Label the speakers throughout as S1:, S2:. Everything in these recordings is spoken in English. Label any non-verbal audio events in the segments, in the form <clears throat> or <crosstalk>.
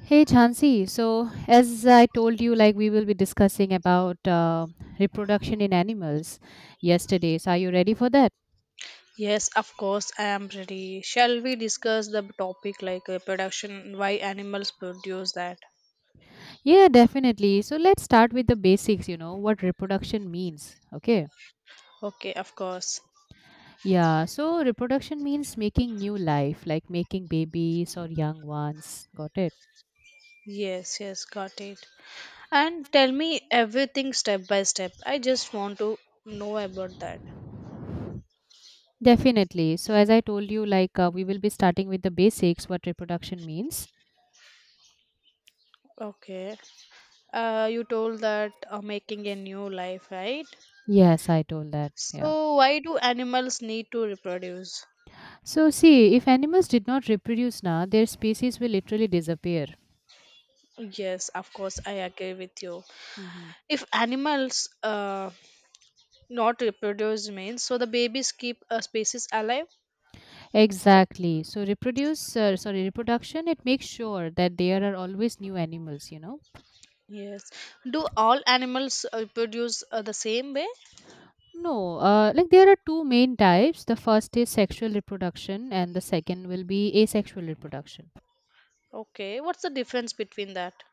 S1: Hey Chansi, so as I told you, like we will be discussing about reproduction in animals yesterday. So are you ready for that?
S2: Yes, of course, I am ready. Shall we discuss the topic like production, why animals produce that?
S1: Yeah, definitely. So let's start with the basics, you know, what reproduction means. Okay.
S2: Okay, of course.
S1: Yeah, so reproduction means making new life, like making babies or young ones. Got it?
S2: Yes, yes, got it. And tell me everything step by step. I just want to know about that.
S1: Definitely. So, as I told you, like we will be starting with the basics, what reproduction means.
S2: Okay. You told that making a new life, right?
S1: Yes, I told that. Yeah.
S2: So, why do animals need to reproduce?
S1: So, see, if animals did not reproduce now, their species will literally disappear.
S2: Yes, of course, I agree with you.
S1: Mhm.
S2: If animals not reproduce means so the babies keep a species alive.
S1: Exactly. So, reproduction, it makes sure that there are always new animals, you know.
S2: Yes. Do all animals reproduce the same way?
S1: No, like there are two main types. The first is sexual reproduction, and the second will be asexual reproduction.
S2: Okay. What's the difference between that?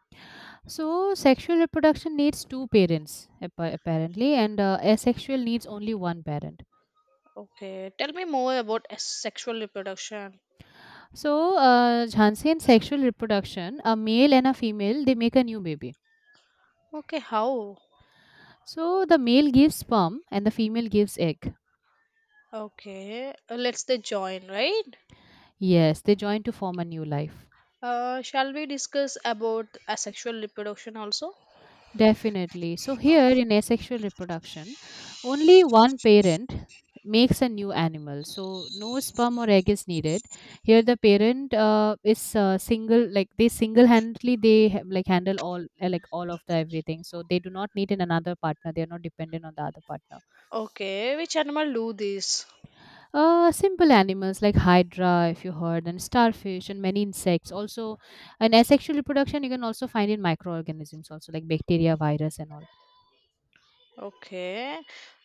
S1: So, sexual reproduction needs two parents, apparently, and asexual needs only one parent.
S2: Okay. Tell me more about sexual reproduction.
S1: So, Jhansi in sexual reproduction, a male and a female, they make a new baby.
S2: Okay. How?
S1: So, the male gives sperm and the female gives egg.
S2: Okay. Let's they join, right?
S1: Yes, they join to form a new life.
S2: Shall we discuss about asexual reproduction also?
S1: Definitely. So here in asexual reproduction, only one parent makes a new animal. So no sperm or egg is needed. Here the parent is single, like they single-handedly like handle all like all of the everything. So they do not need an another partner. They are not dependent on the other partner.
S2: Okay. Which animal do this?
S1: Simple animals like hydra, if you heard, and starfish and many insects. Also, in asexual reproduction, you can also find in microorganisms also like bacteria, virus, and all.
S2: Okay.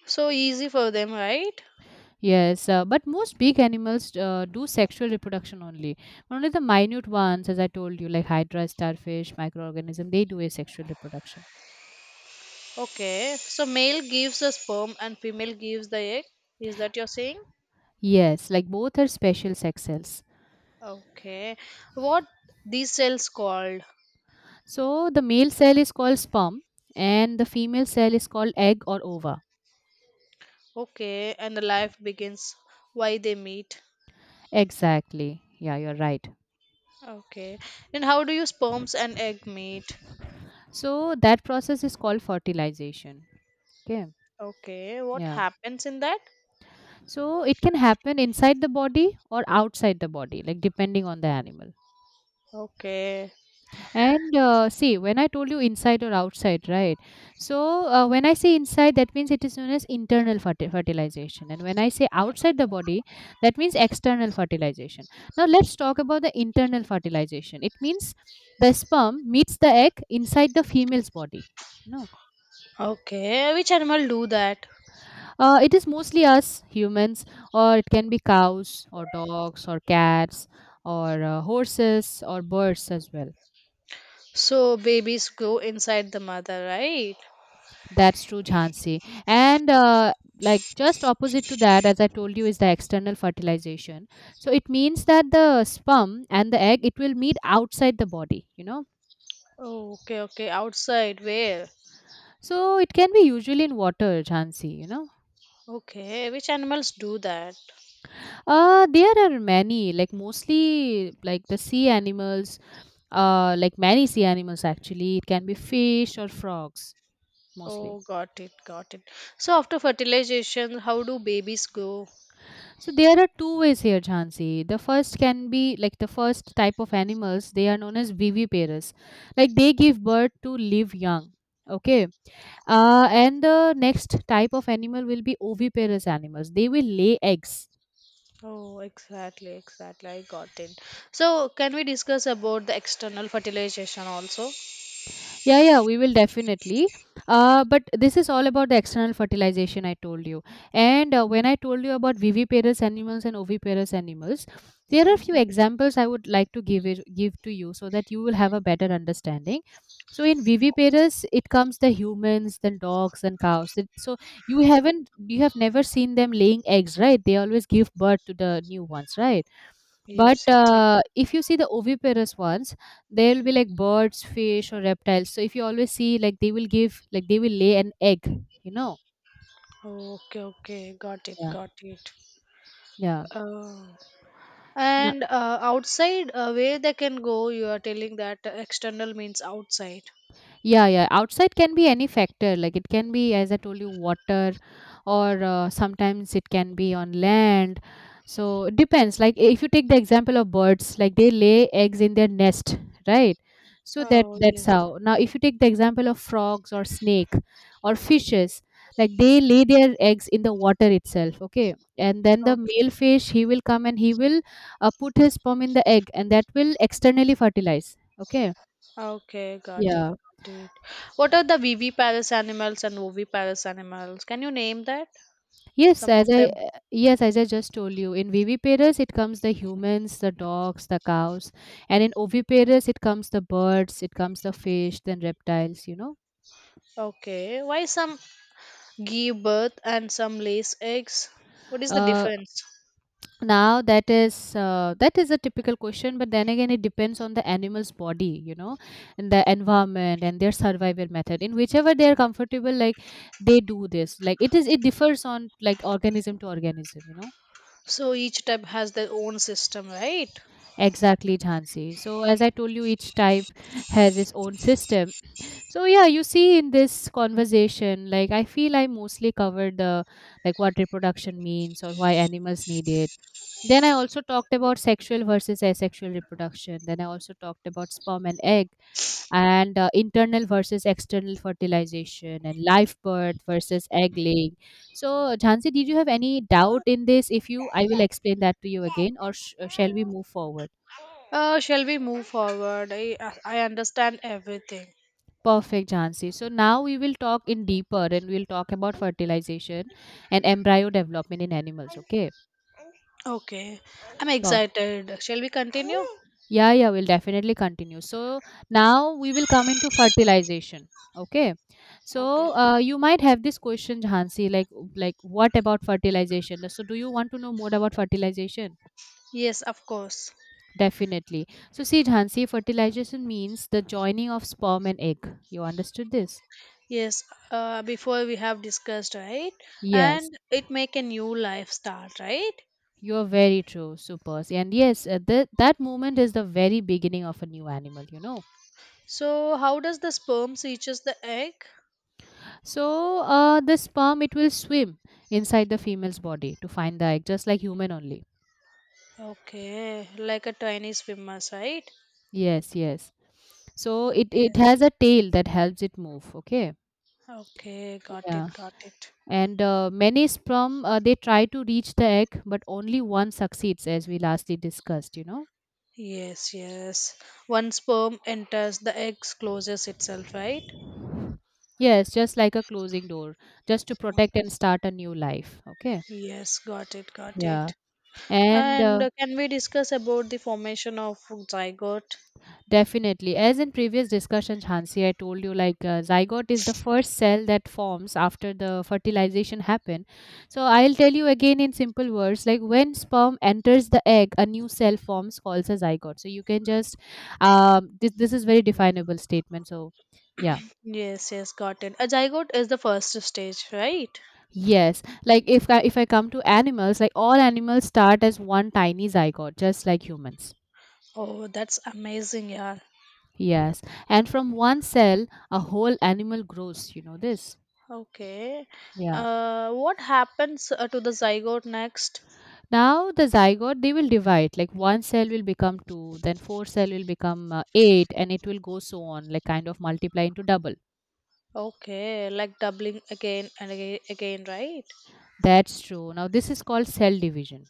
S2: So easy for them, right?
S1: Yes, but most big animals do sexual reproduction only. Only the minute ones, as I told you, like hydra, starfish, microorganism, they do asexual reproduction.
S2: Okay, so male gives the sperm and female gives the egg. Is that you're saying?
S1: Yes, like both are special sex cells.
S2: Okay, what these cells called?
S1: So the male cell is called sperm, and the female cell is called egg or ova.
S2: Okay, and the life begins. Why they meet?
S1: Exactly. Yeah, you're right.
S2: Okay, then how do you sperms and egg meet?
S1: So that process is called fertilization. Okay.
S2: Okay, what
S1: Yeah.
S2: happens in that?
S1: So it can happen inside the body or outside the body, like depending on the animal.
S2: Okay,
S1: And see, when I told you inside or outside, right? So when I say inside, that means it is known as fertilization, and when I say outside the body, that means external fertilization. Now let's talk about the internal fertilization. It means the sperm meets the egg inside the female's body. No,
S2: okay, which animal do that?
S1: it is mostly us humans, or it can be cows, or dogs, or cats, or horses, or birds as well.
S2: So babies go inside the mother, right?
S1: That's true, Jhansi. And like just opposite to that, as I told you, is the external fertilization. So it means that the sperm and the egg it will meet outside the body, you know.
S2: Oh, okay, okay, outside where?
S1: So it can be usually in water, Jhansi. You know,
S2: Okay, which animals do that?
S1: there are many like mostly like the sea animals, like many sea animals actually. It can be fish or frogs mostly.
S2: Oh, got it, got it. So after fertilization, how do babies grow?
S1: So there are two ways here, Jhansi. The first can be like the first type of animals. They are known as viviparous, like they give birth to live young. Okay, and the next type of animal will be oviparous animals. They will lay eggs.
S2: Oh, exactly, exactly. I got it. So can we discuss about the external fertilization also?
S1: Yeah, yeah, we will definitely. But this is all about the external fertilization I told you. And when I told you about viviparous animals and oviparous animals, there are a few examples I would like to give to you so that you will have a better understanding. So in viviparous, it comes the humans, then dogs, and cows. So you have never seen them laying eggs, right? They always give birth to the new ones, right? But
S2: Yes, it's like.
S1: if you see the oviparous ones, they will be like birds, fish, or reptiles. So if you always see, like like they will lay an egg. You know?
S2: Okay, okay, got it,
S1: Yeah.
S2: got it.
S1: Yeah.
S2: Oh, and outside, where they can go? You are telling that external means outside.
S1: Yeah, yeah. Outside can be any factor. Like it can be, as I told you, water, or sometimes it can be on land. So it depends. Like if you take the example of birds, like they lay eggs in their nest, right? So
S2: Oh
S1: that's
S2: yes,
S1: how. Now, if you take the example of frogs or snake or fishes, like they lay their eggs in the water itself. Okay, and then the male
S2: okay,
S1: fish he will come and he will put his sperm in the egg, and that will externally fertilize. Okay.
S2: okay, got it,
S1: Yeah.
S2: got it. What are the viviparous animals and oviparous animals? Can you name that? Some of them.
S1: Yes, as I just told you, in viviparous it comes the humans, the dogs, the cows, and in oviparous it comes the birds, it comes the fish, then reptiles. You know.
S2: Okay. Why some give birth and some lays eggs? What is the
S1: Uh,
S2: difference?
S1: now that is a typical question, but then again it depends on the animal's body, you know, and the environment and their survival method. In whichever they are comfortable, like they do this. It differs on like organism to organism. You know.
S2: So each type has their own system, right?
S1: Exactly, Jhansi. So as I told you, each type has its own system. So yeah, you see in this conversation, like I feel I mostly covered the like what reproduction means or why animals need it. Then I also talked about sexual versus asexual reproduction. Then I also talked about sperm and egg and internal versus external fertilization and live birth versus egg laying. So Jhansi, did you have any doubt in this? If you, I will explain that to you again or shall we move forward?
S2: Shall we move forward? I understand everything.
S1: Perfect, Jansi. So now we will talk in deeper and we'll talk about fertilization and embryo development in animals. Okay.
S2: Okay. I'm
S1: Wow.
S2: excited. Shall we continue?
S1: Yeah, yeah, we'll definitely continue. So now we will come into fertilization. Okay.
S2: Okay.
S1: So you might have this question, Jansi, like what about fertilization? So do you want to know more about fertilization?
S2: Yes, of course.
S1: Definitely. So see, Jansi, fertilization means the joining of sperm and egg. You understood this?
S2: Yes, before we have discussed, right?
S1: Yes.
S2: And it make a new life start, right?
S1: You're very true, Supers. And yes, that moment is the very beginning of a new animal, you know.
S2: So how does the sperm reaches the egg?
S1: So the sperm, it will swim inside the female's body to find the egg, just like human only.
S2: Okay, like a tiny swimmers, right?
S1: Yes, yes. So
S2: Okay,
S1: it has a tail that helps it move, okay?
S2: okay, got it,
S1: Yeah.
S2: got it.
S1: And many sperm, they try to reach the egg, but only one succeeds, as we lastly discussed, you know.
S2: Yes, yes. One sperm enters, the egg closes itself, right?
S1: Yes, just like a closing door, just to protect and start a new life, okay?
S2: Yes, got it, got
S1: Yeah.
S2: it.
S1: And
S2: And can we discuss about the formation of zygote?
S1: definitely, as in previous discussions, Hansi, I told you like zygote is the first cell that forms after the fertilization happen. So I'll tell you again in simple words, like when sperm enters the egg, a new cell forms called a zygote. So you can just this is very definable statement. So yeah.
S2: Yes, yes, got it. A zygote is the first stage, right?
S1: Yes, like if I come to animals, like all animals start as one tiny zygote, just like humans.
S2: Oh, that's amazing, yeah.
S1: Yes, and from one cell, a whole animal grows. You know this.
S2: Okay.
S1: Yeah.
S2: What happens to the zygote next?
S1: Now the zygote they will divide like one cell will become two, then four cell will become eight, and it will go so on like kind of multiply into double.
S2: Okay, like doubling again and again, again, right?
S1: That's true. Now this is called cell division.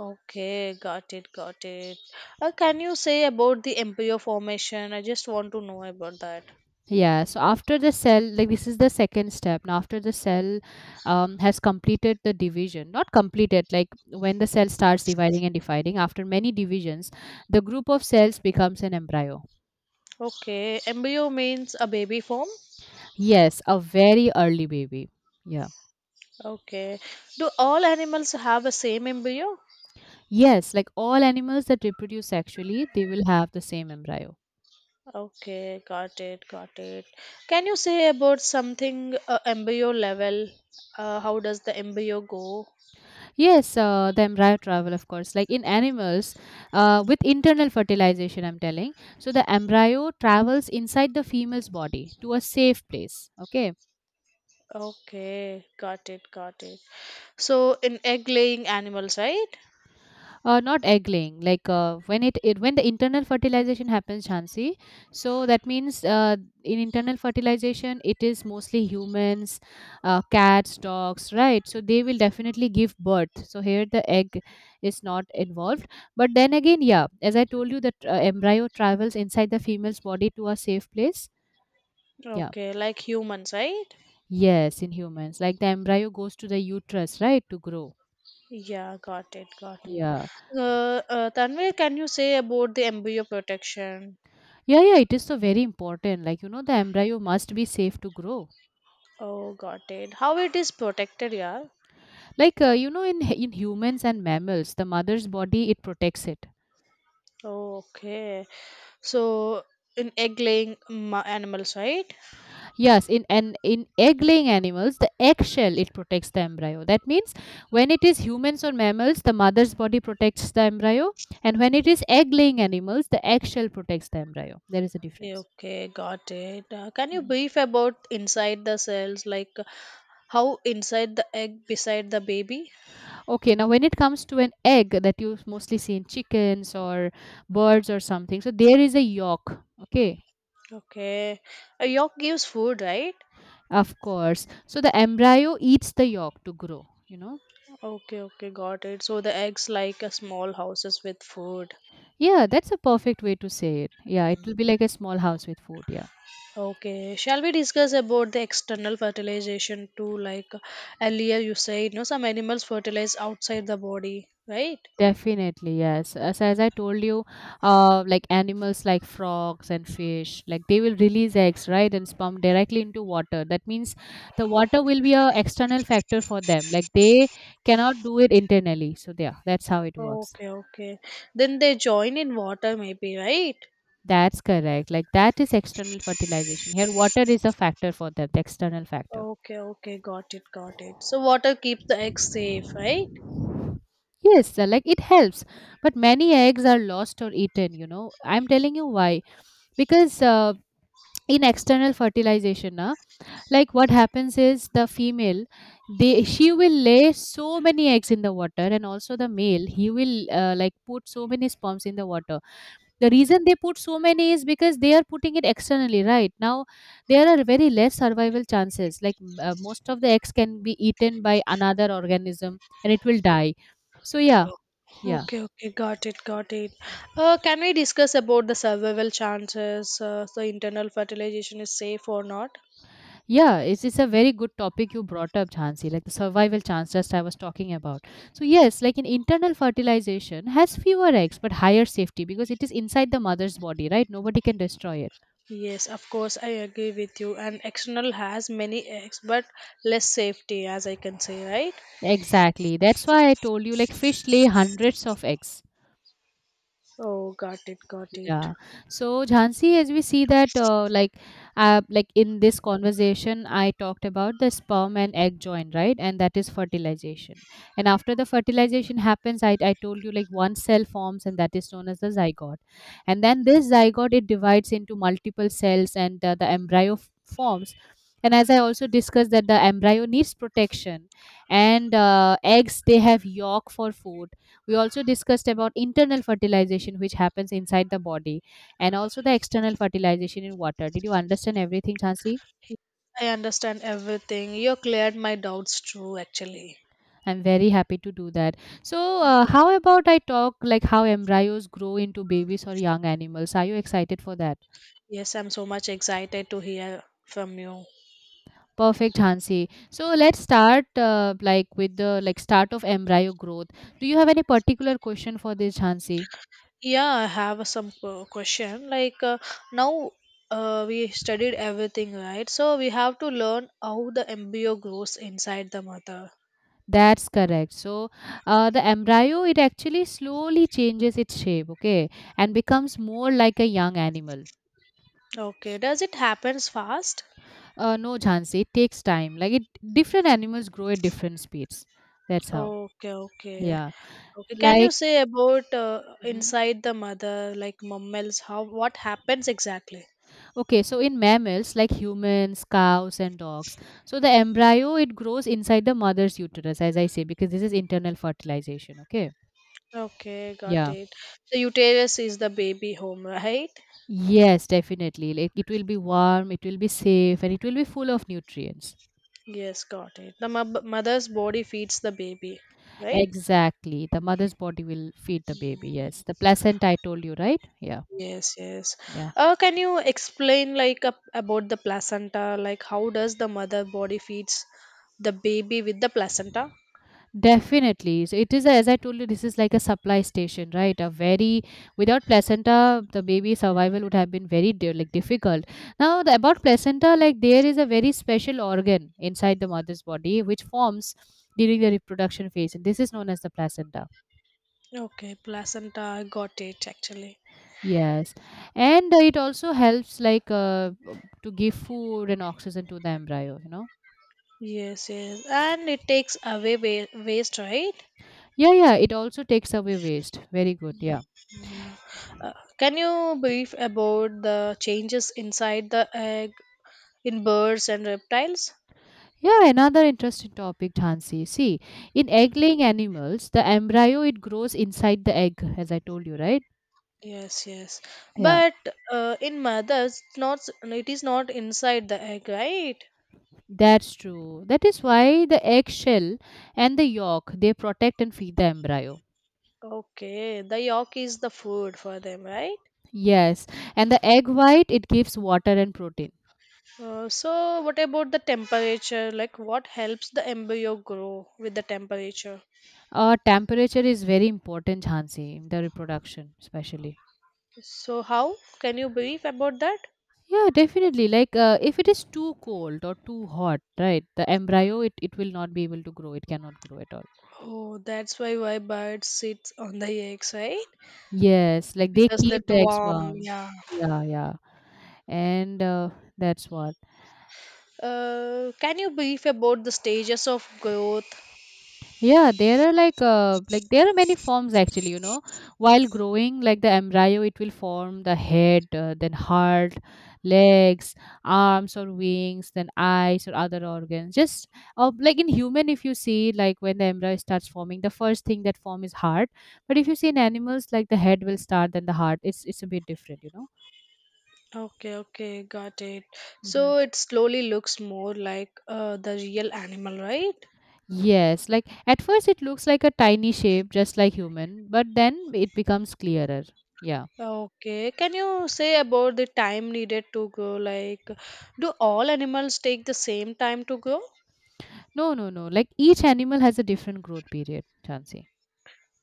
S2: Okay, got it, got it. Can you say about the embryo formation? I just want to know about that.
S1: Yeah. So after the cell, like this is the second step. Now after the cell has completed the division, not completed like when the cell starts dividing and dividing after many divisions, the group of cells becomes an embryo.
S2: Okay, embryo means a baby form.
S1: Yes, a very early baby. Yeah.
S2: Okay, do all animals have a same embryo?
S1: Yes, like all animals that reproduce sexually, they will have the same embryo.
S2: Okay, got it, got it. Can you say about something embryo level? How does the embryo go?
S1: Yes, the embryo travel, of course. Like in animals, with internal fertilization, I'm telling. So the embryo travels inside the female's body to a safe place. Okay.
S2: Okay, got it, got it. So in egg laying animals, right?
S1: Not egg laying. Like it when the internal fertilization happens, Chansi. So that means in internal fertilization, it is mostly humans, cats, dogs, right? So they will definitely give birth. So here the egg is not involved. But then again, yeah, as I told you, that embryo travels inside the female's body to a safe place. Yeah.
S2: Okay, like humans, right?
S1: Yes, in humans, like the embryo goes to the uterus, right, to grow.
S2: Yeah, got it, got it.
S1: Yeah.
S2: Tanvir, can you say about the embryo protection?
S1: Yeah, yeah, it is so very important. Like, you know, the embryo must be safe to grow.
S2: Oh, got it. How it is protected, yeah?
S1: Like, you know, in <laughs> in humans and mammals, the mother's body it protects it.
S2: Oh, okay. So, in egg-laying animals, right?
S1: Yes, in egg-laying animals, the eggshell it protects the embryo. That means when it is humans or mammals, the mother's body protects the embryo, and when it is egg-laying animals, the eggshell protects the embryo. There is a
S2: Yeah,
S1: difference.
S2: okay, got it. Can you
S1: Mhm.
S2: brief about inside the cells, like how inside the egg beside the baby?
S1: Okay, now when it comes to an egg that you mostly see in chickens or birds or something, so there is a yolk. Okay.
S2: Okay, a yolk gives food, right?
S1: Of course. So the embryo eats the yolk to grow, you know?
S2: Okay, okay, got it. So the eggs like a small houses with food.
S1: Yeah, that's a perfect way to say it. Yeah, it will be like a small house with food. Yeah.
S2: Okay, shall we discuss about the external fertilization too? Like earlier you said, some animals fertilize outside the body, right?
S1: Definitely, yes. As I told you, like animals like frogs and fish, like they will release eggs, right, and sperm directly into water. That means the water will be a external factor for them. Like they cannot do it internally. So yeah, that's how it works.
S2: Okay, okay. Then they join in water, maybe, right?
S1: That's correct. Like that is external fertilization. Here, water is a factor for them, the external factor.
S2: Okay, okay, got it, got it. So water keeps the eggs safe, right?
S1: Yes, like it helps, but many eggs are lost or eaten. I'm telling you why. Because in external fertilization, like what happens is the female, they she will lay so many eggs in the water, and also the male, he will like put so many sperms in the water. The reason they put so many is because they are putting it externally, right? Now, there are very less survival chances. Like most of the eggs can be eaten by another organism and it will die. So, yeah,
S2: Oh.
S1: yeah,
S2: Okay, okay, got it, got it. Can we discuss about the survival chances? So internal fertilization is safe or not?
S1: yeah, it's a very good topic you brought up, Jhansi, like the survival chance just I was talking about. So, yes, like an internal fertilization has fewer eggs but higher safety because it is inside the mother's body, right? Nobody can destroy it.
S2: Yes, of course, I agree with you. And external has many X, but less safety, as I can say, right?
S1: Exactly. That's why I told you like fish lay hundreds of eggs.
S2: Oh, got it, got it.
S1: Yeah. So Jhansi, as we see that, like in this conversation, I talked about the sperm and egg join, right? And that is fertilization. And after the fertilization happens, I told you like one cell forms, and that is known as the zygote. And then this zygote it divides into multiple cells, and the embryo forms. And as I also discussed that the embryo needs protection, and eggs they have yolk for food we also discussed about internal fertilization, which happens inside the body, and also the external fertilization in water. Did you understand everything, Chansi?
S2: I understand everything. You cleared my doubts too, actually.
S1: I'm very happy to do that. So, how about I talk like how embryos grow into babies or young animals? Are you excited for that?
S2: Yes, I'm so much excited to hear from you.
S1: Perfect, Hansi. So let's start like with the start of embryo growth. Do you have any particular question for this, Hansi?
S2: Yeah, I have some question. Like now we studied everything, right? So we have to learn how the embryo grows inside the mother.
S1: That's correct. So, the embryo it actually slowly changes its shape, okay, and becomes more like a young animal.
S2: Okay, does it happens fast?
S1: No, Jhansi, it takes time. Like different animals grow at different speeds. That's how.
S2: Okay, okay.
S1: Yeah,
S2: Okay, can you
S1: like.
S2: say about
S1: mhm.
S2: inside the mother, like mammals? How what happens exactly?
S1: Okay, so in mammals like humans, cows, and dogs, so the embryo it grows inside the mother's uterus, as I say, because this is internal fertilization. Okay,
S2: Okay, got
S1: yeah,
S2: it. The uterus is the baby home, right?
S1: yes, definitely. Like it will be warm, it will be safe, and it will be full of nutrients.
S2: Yes, got it. The mother's body feeds the baby, right?
S1: Exactly. The mother's body will feed the baby. Yes. The placenta, I told you, right? Yeah.
S2: Yes, yes.
S1: Yeah.
S2: Can you explain like a, about the placenta? Like how does the mother body feeds the baby with the placenta?
S1: Definitely. So it is, as I told you, this is like a supply station, right? Without placenta, the baby survival would have been very difficult. Now, about placenta, like there is a very special organ inside the mother's body which forms during the reproduction phase. And this is known as the placenta.
S2: Okay, placenta, I got it actually.
S1: Yes. And it also helps like to give food and oxygen to the embryo.
S2: Yes, yes, and it takes away waste, right?
S1: Yeah, yeah, it also takes away waste. Very good. Yeah.
S2: Uh, can you brief about the changes inside the egg in birds and reptiles?
S1: Yeah, another interesting topic, Hansi. See, in egg laying animals, the embryo it grows inside the egg, as I told you, right?
S2: Yes, yes,
S1: Yeah,
S2: but in mothers, not s- it is not inside the egg, right?
S1: that's true. That is why the eggshell and the yolk they protect and feed the embryo.
S2: Okay, the yolk is the food for them, right?
S1: Yes, and the egg white it gives water and protein.
S2: So, what about the temperature? Like, what helps the embryo grow with the temperature?
S1: Temperature is very important, Hansi, in the reproduction, especially.
S2: So, how can you brief about that?
S1: Yeah, definitely. Like, if it is too cold or too hot, right, the embryo, it will not be able to grow. It cannot grow at all.
S2: Oh, that's why bird sits on the eggs, right?
S1: Yes, like they
S2: Because that
S1: keep the eggs
S2: warm,
S1: warm.
S2: yeah.
S1: Yeah, yeah. And that's why.
S2: Can you brief about the stages of growth?
S1: Yeah, there are many forms actually. While growing, like the embryo, it will form the head, then heart, legs, arms or wings, then eyes or other organs. Just like in human, if you see like when the embryo starts forming, the first thing that form is heart. But if you see in animals, like the head will start, then the heart. It's a bit different.
S2: Okay, okay, got it.
S1: Hmm.
S2: So it slowly looks more like the real animal, right?
S1: Yes, like at first it looks like a tiny shape, just like human, but then it becomes clearer. Yeah.
S2: Okay, can you say about the time needed to grow? Like, do all animals take the same time to grow?
S1: No, no, no. Like each animal has a different growth period, Chansey.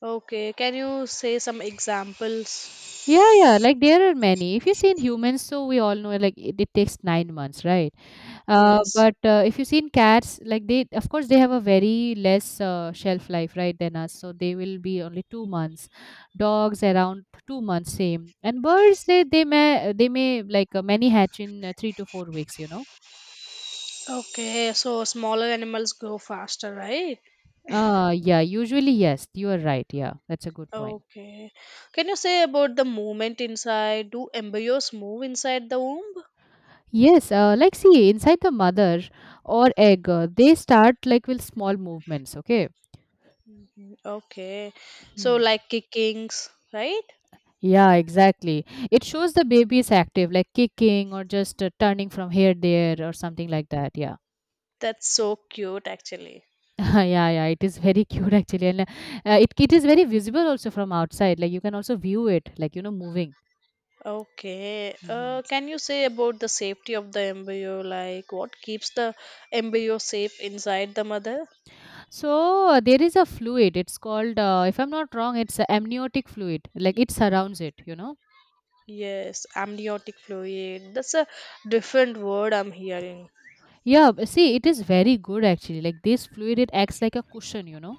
S2: Okay, can you say some examples?
S1: Yeah, yeah. Like there are many. If you see in humans, so we all know like it takes 9 months, right? Uh,
S2: Yes.
S1: but if you see in cats, like they, of course, they have a very less shelf life, right, than us. So they will be only 2 months. Dogs around 2 months, same. And birds, they may like many hatch in 3 to 4 weeks. You know.
S2: Okay, so smaller animals grow faster, right?
S1: Yeah. Usually, yes. You are right. Yeah, that's a good point.
S2: Okay. Can you say about the movement inside? Do embryos move inside the womb?
S1: Yes, like see inside the mother or egg, they start like with small movements. Okay.
S2: Mm, okay. So
S1: Hmm.
S2: like kickings, right?
S1: Yeah, exactly. It shows the baby is active, like kicking or just turning from here there or something like that. Yeah.
S2: That's so cute actually.
S1: <laughs> yeah, yeah. It is very <laughs> cute actually, and it is very visible also from outside. Like you can also view it, moving.
S2: Okay.
S1: Mhm.
S2: Can you say about the safety of the embryo? Like what keeps the embryo safe inside the mother?
S1: So there is a fluid. It's called, if I'm not wrong, it's a amniotic fluid. Like it surrounds it.
S2: Yes, amniotic fluid. That's a different word I'm hearing.
S1: Yeah, but see, it is very good actually. Like this fluid, it acts like a cushion.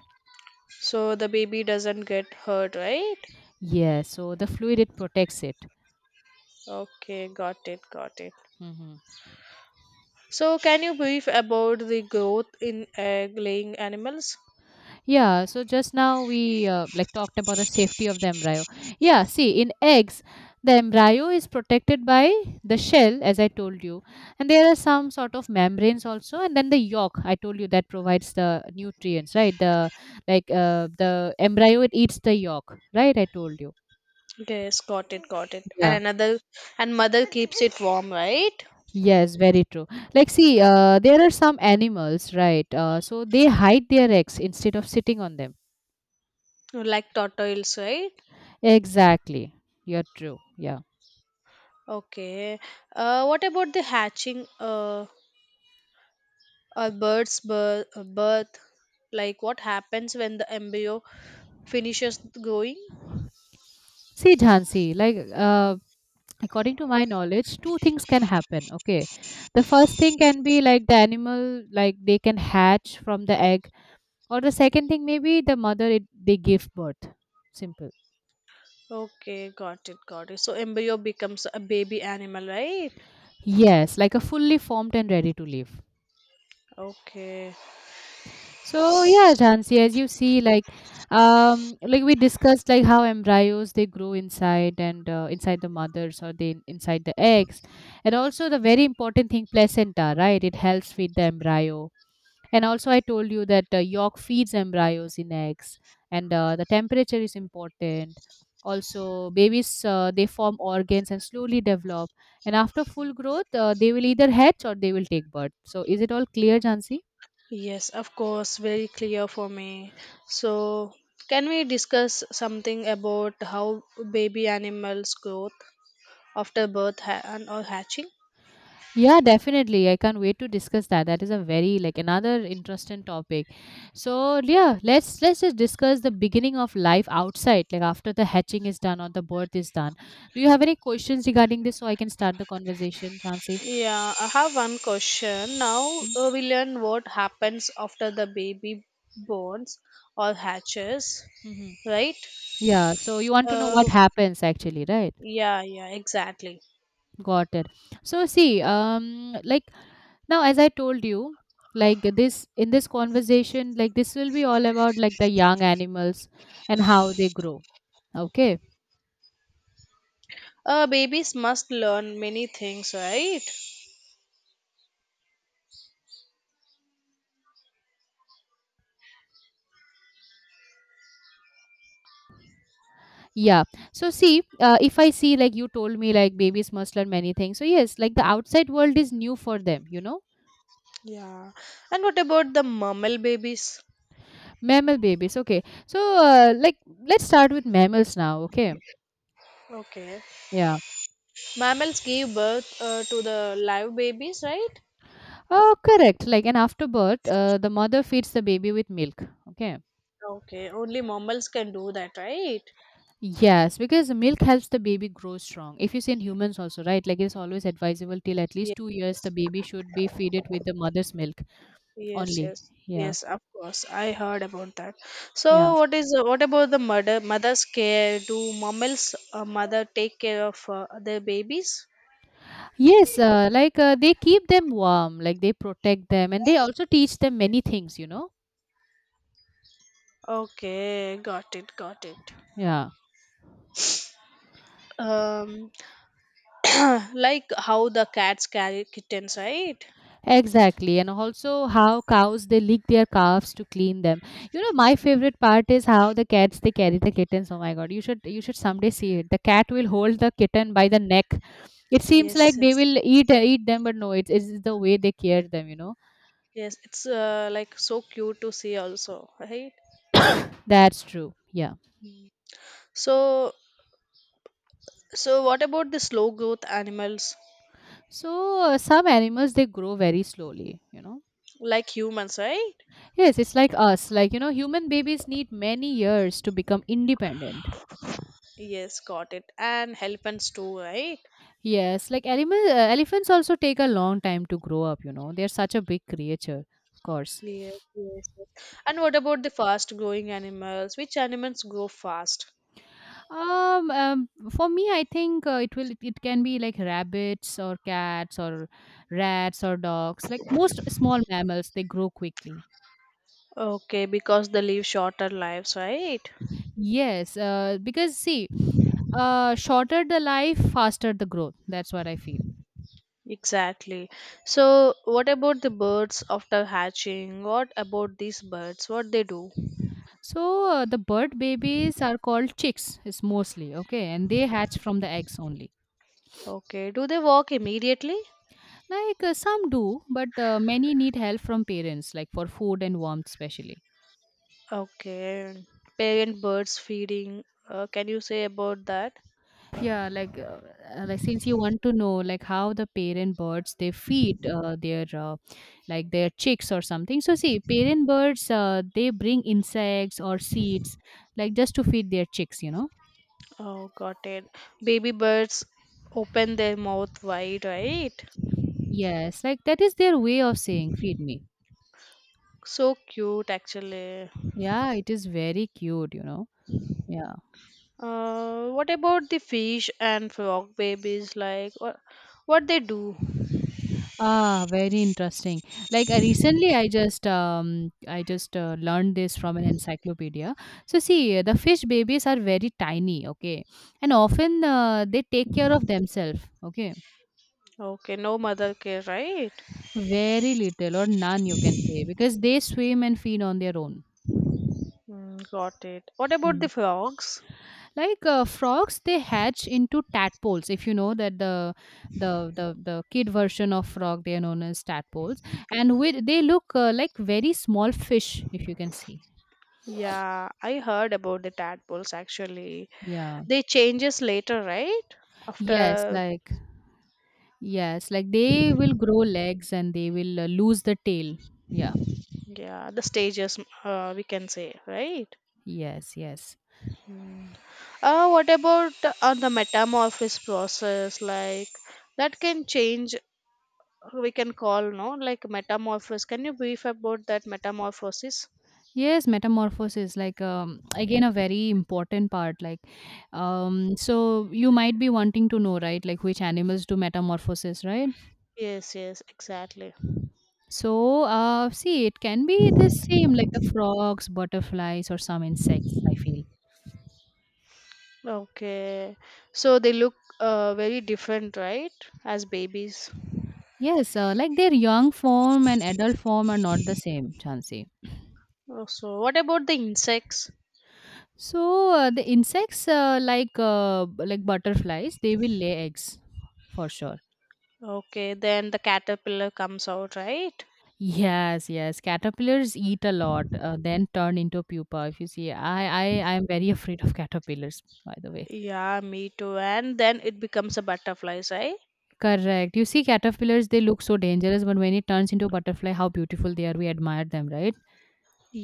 S2: So the baby doesn't get hurt, right?
S1: Yeah, so the fluid it protects it.
S2: Okay, got it, got it.
S1: Hmm.
S2: So, can you brief about the growth in egg-laying animals?
S1: Yeah, so just now we like talked about the safety of the embryo. Yeah, see, in eggs, the embryo is protected by the shell, as I told you, and there are some sort of membranes also, and then the yolk. I told you that provides the nutrients, right? The embryo it eats the yolk, right? I told you.
S2: Yes, got it, got it. And
S1: Yeah.
S2: another, and mother keeps it warm, right?
S1: Yes, very true. Like, see, there are some animals, right? So they hide their eggs instead of sitting on them.
S2: Like turtles, right?
S1: Exactly. You're true. Yeah.
S2: Okay. What about the hatching? Or bird's birth? Like what happens when the embryo finishes growing?
S1: See, Jhansi, like, according to my knowledge, two things can happen. Okay. The first thing can be like the animal, like they can hatch from the egg, or the second thing, maybe the mother, they give birth. Simple.
S2: Okay, got it, got it. So embryo becomes a baby animal, right?
S1: Yes, like a fully formed and ready to live.
S2: Okay.
S1: So yeah, Jhansi, as you see, like we discussed, like how embryos they grow inside and inside the mothers or they inside the eggs, and also the very important thing, placenta, right? It helps feed the embryo, and also I told you that yolk feeds embryos in eggs, and the temperature is important. Also, babies they form organs and slowly develop, and after full growth, they will either hatch or they will take birth. So is it all clear, Jhansi?
S2: Yes, of course, very clear for me. So, can we discuss something about how baby animals growth after birth and or hatching?
S1: Yeah, definitely. I can't wait to discuss that. That is a very like another interesting topic. So yeah, let's just discuss the beginning of life outside, like after the hatching is done or the birth is done. Do you have any questions regarding this so I can start the conversation, Chansey?
S2: Yeah, I have one question. Now
S1: Hmm?
S2: we learn what happens after the baby borns or hatches,
S1: Mm-hmm.
S2: right?
S1: Yeah. So you want to know what
S2: Uh,
S1: happens actually, right?
S2: yeah, yeah, exactly.
S1: Got it. So see, like now as I told you, like this in this conversation, like this will be all about like the young animals and how they grow. Okay.
S2: Babies must learn many things, right?
S1: Yeah. So see, if I see like you told me, like babies must learn many things. So yes, like the outside world is new for them. You know,
S2: Yeah. And what about the mammal babies?
S1: mammal babies. Okay. So like let's start with mammals now. Okay.
S2: Okay.
S1: Yeah.
S2: Mammals give birth to the live babies, right?
S1: Oh, correct. Like and after birth, the mother feeds the baby with milk. Okay.
S2: Okay, only mammals can do that, right?
S1: Yes, because milk helps the baby grow strong. If you see in humans also, right? Like it's always advisable till at least
S2: Yes,
S1: 2 years the baby should be fed it with the mother's milk
S2: yes,
S1: only.
S2: yes,
S1: Yeah.
S2: yes. Of course, I heard about that. So,
S1: Yeah.
S2: what about the mother's care? Do mammals mother take care of their babies?
S1: Yes, like they keep them warm, like they protect them, and they also teach them many things.
S2: Okay, got it, got it.
S1: Yeah,
S2: Um, <coughs> <clears throat> like how the cats carry kittens, right?
S1: exactly. And also how cows they lick their calves to clean them. My favorite part is how the cats they carry the kittens. Oh my God, you should someday see it. The cat will hold the kitten by the neck. It seems
S2: Yes,
S1: like they
S2: yes,
S1: will eat them, but no, it's the way they care them. You know,
S2: yes. It's like so cute to see also, right?
S1: that's true. Yeah.
S2: So, so, what about the slow growth animals
S1: So some animals they grow very slowly. You know
S2: like humans, right?
S1: Yes, it's like us. Like, you know, human babies need many years to become independent.
S2: Yes, got it. And elephants too, right?
S1: Yes, like elephants also take a long time to grow up, you know. They're such a big creature, of course.
S2: Yes, yes, yes. And what about the fast growing animals? Which animals grow fast?
S1: For me, I think it can be like rabbits or cats or rats or dogs. Like most small mammals, they grow quickly.
S2: Okay, because they live shorter lives, right?
S1: Yes, because see, shorter the life, faster the growth. That's what I feel.
S2: Exactly. So, what about the birds after hatching? What about these birds? What they do?
S1: So the bird babies are called chicks, is mostly okay, and they hatch from the eggs only.
S2: Okay, do they walk immediately?
S1: Like some do, but many need help from parents, like for food and warmth, especially.
S2: Okay, parent birds feeding. Can you say about that?
S1: Yeah, like since you want to know like how the parent birds they feed their like their chicks or something. So see, parent birds they bring insects or seeds, like just to feed their chicks, you know.
S2: Oh, got it. Baby birds open their mouth wide, right?
S1: Yes, like that is their way of saying feed me.
S2: So cute, actually.
S1: Yeah, it is very cute, you know. Yeah.
S2: What about the fish and frog babies? Like, what they do?
S1: Ah, very interesting. Like I just I just learned this from an encyclopedia. So see, the fish babies are very tiny, okay? And often they take care of themselves, okay?
S2: Okay, no mother care, right?
S1: Very little or none you can say because they swim and feed on their own.
S2: Mm, got it. What about
S1: Mhm.
S2: the frogs?
S1: Like frogs they hatch into tadpoles, if you know that the the kid version of frog they are known as tadpoles, and with they look like very small fish, if you can see.
S2: Yeah, I heard about the tadpoles actually.
S1: Yeah.
S2: They changes later, right?
S1: Yes,
S2: After.
S1: like, yes, like they will grow legs and they will lose the tail. Yeah.
S2: Yeah, the stages, we can say, right?
S1: Yes, yes.
S2: Mm. What about the metamorphosis process? Like that can change. We can call no like metamorphosis. Can you brief about that metamorphosis?
S1: Yes, metamorphosis, like again a very important part, um so you might be wanting to know, right, like which animals do metamorphosis, right?
S2: Yes, yes, exactly.
S1: So, see, it can be the same, like the frogs, butterflies, or some insects, I feel.
S2: Okay, so they look very different, right? As babies.
S1: Yes, like their young form and adult form are not the same, Chansey.
S2: Oh, so what about the insects?
S1: So, the insects, like b- like butterflies, they will lay eggs for sure.
S2: Okay, then the caterpillar comes out, right?
S1: Yes, yes. Caterpillars eat a lot, then turn into pupa. If you see, I am very <laughs> afraid of caterpillars, by the way.
S2: Yeah, me too. And then it becomes a butterfly, right?
S1: Correct. You see, caterpillars, they look so dangerous, but when it turns into butterfly, how beautiful they are. We admire them, right?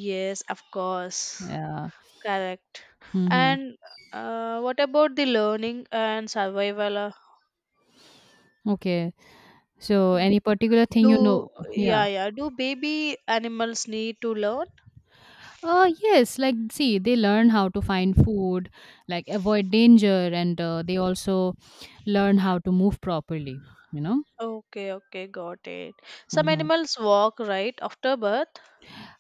S2: Yes, of course.
S1: Yeah.
S2: Correct.
S1: Mhm.
S2: And what about the learning and survival?
S1: Okay. So any particular thing
S2: Do
S1: you know? Yeah.
S2: Yeah, yeah. Do baby animals need to learn?
S1: Yes, like see, they learn how to find food, like avoid danger, and they also learn how to move properly, you know?
S2: Okay, okay, got it. Some
S1: Mhm.
S2: animals walk right after birth.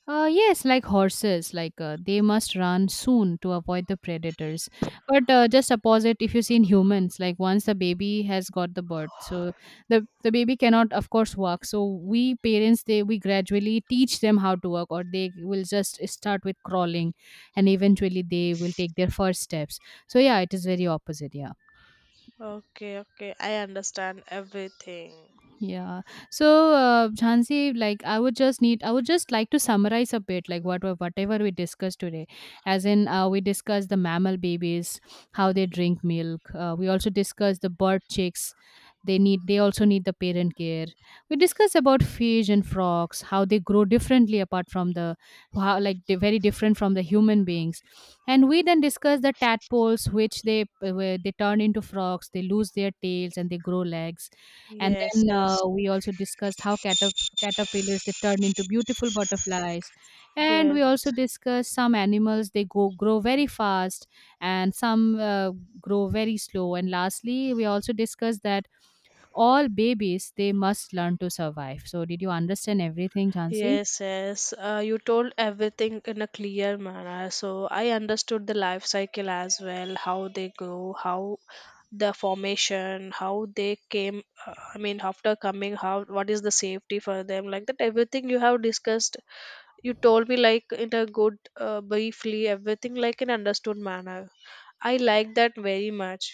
S1: Yes, like horses, like they must run soon to avoid the predators. But just opposite, if you see in humans, like once the baby has got the birth, so the baby cannot, of course, walk. So we parents, they we gradually teach them how to walk, or they will just start with crawling, and eventually they will take their first steps. So yeah, it is very opposite. Yeah.
S2: Okay, okay. I understand everything.
S1: Yeah. So, Jhansi, like I would just like to summarize a bit, like whatever we discussed today. As in, we discussed the mammal babies, how they drink milk. We also discussed the bird chicks. They also need the parent care. We discussed about fish and frogs, how they grow differently apart from how like they're very different from the human beings. And we then discussed the tadpoles, which they where they turn into frogs. They lose their tails and they grow legs, and
S2: Yes,
S1: then
S2: yes,
S1: we also discussed how caterpillars they turn into beautiful butterflies, and we
S2: yes.
S1: also discussed some animals they go grow very fast, and some grow very slow. And lastly, we also discussed that all babies they must learn to survive. So, did you understand everything, Jansi?
S2: Yes, yes. You told everything in a clear manner. So I understood the life cycle as well, how they grow, how the formation, how they came. I mean, after coming, how what is the safety for them? Like that, everything you have discussed, you told me like in a good, briefly, everything like in understood manner. I like that very much.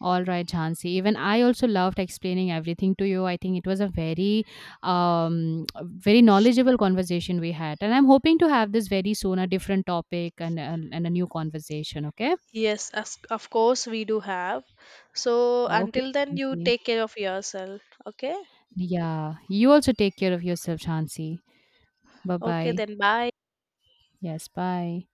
S1: All right, Jhansi. Even I also loved explaining everything to you. I think it was a very, <tsk> very knowledgeable conversation we had, and I'm hoping to have this very soon, a different topic, and a new conversation. Okay.
S2: Yes, as, of course we do have. So
S1: Okay.
S2: until then, you
S1: Jhansi.
S2: take care of yourself. Okay.
S1: Yeah. You also take care of yourself, Jhansi. Bye
S2: Okay,
S1: bye.
S2: then bye.
S1: Yes. Bye.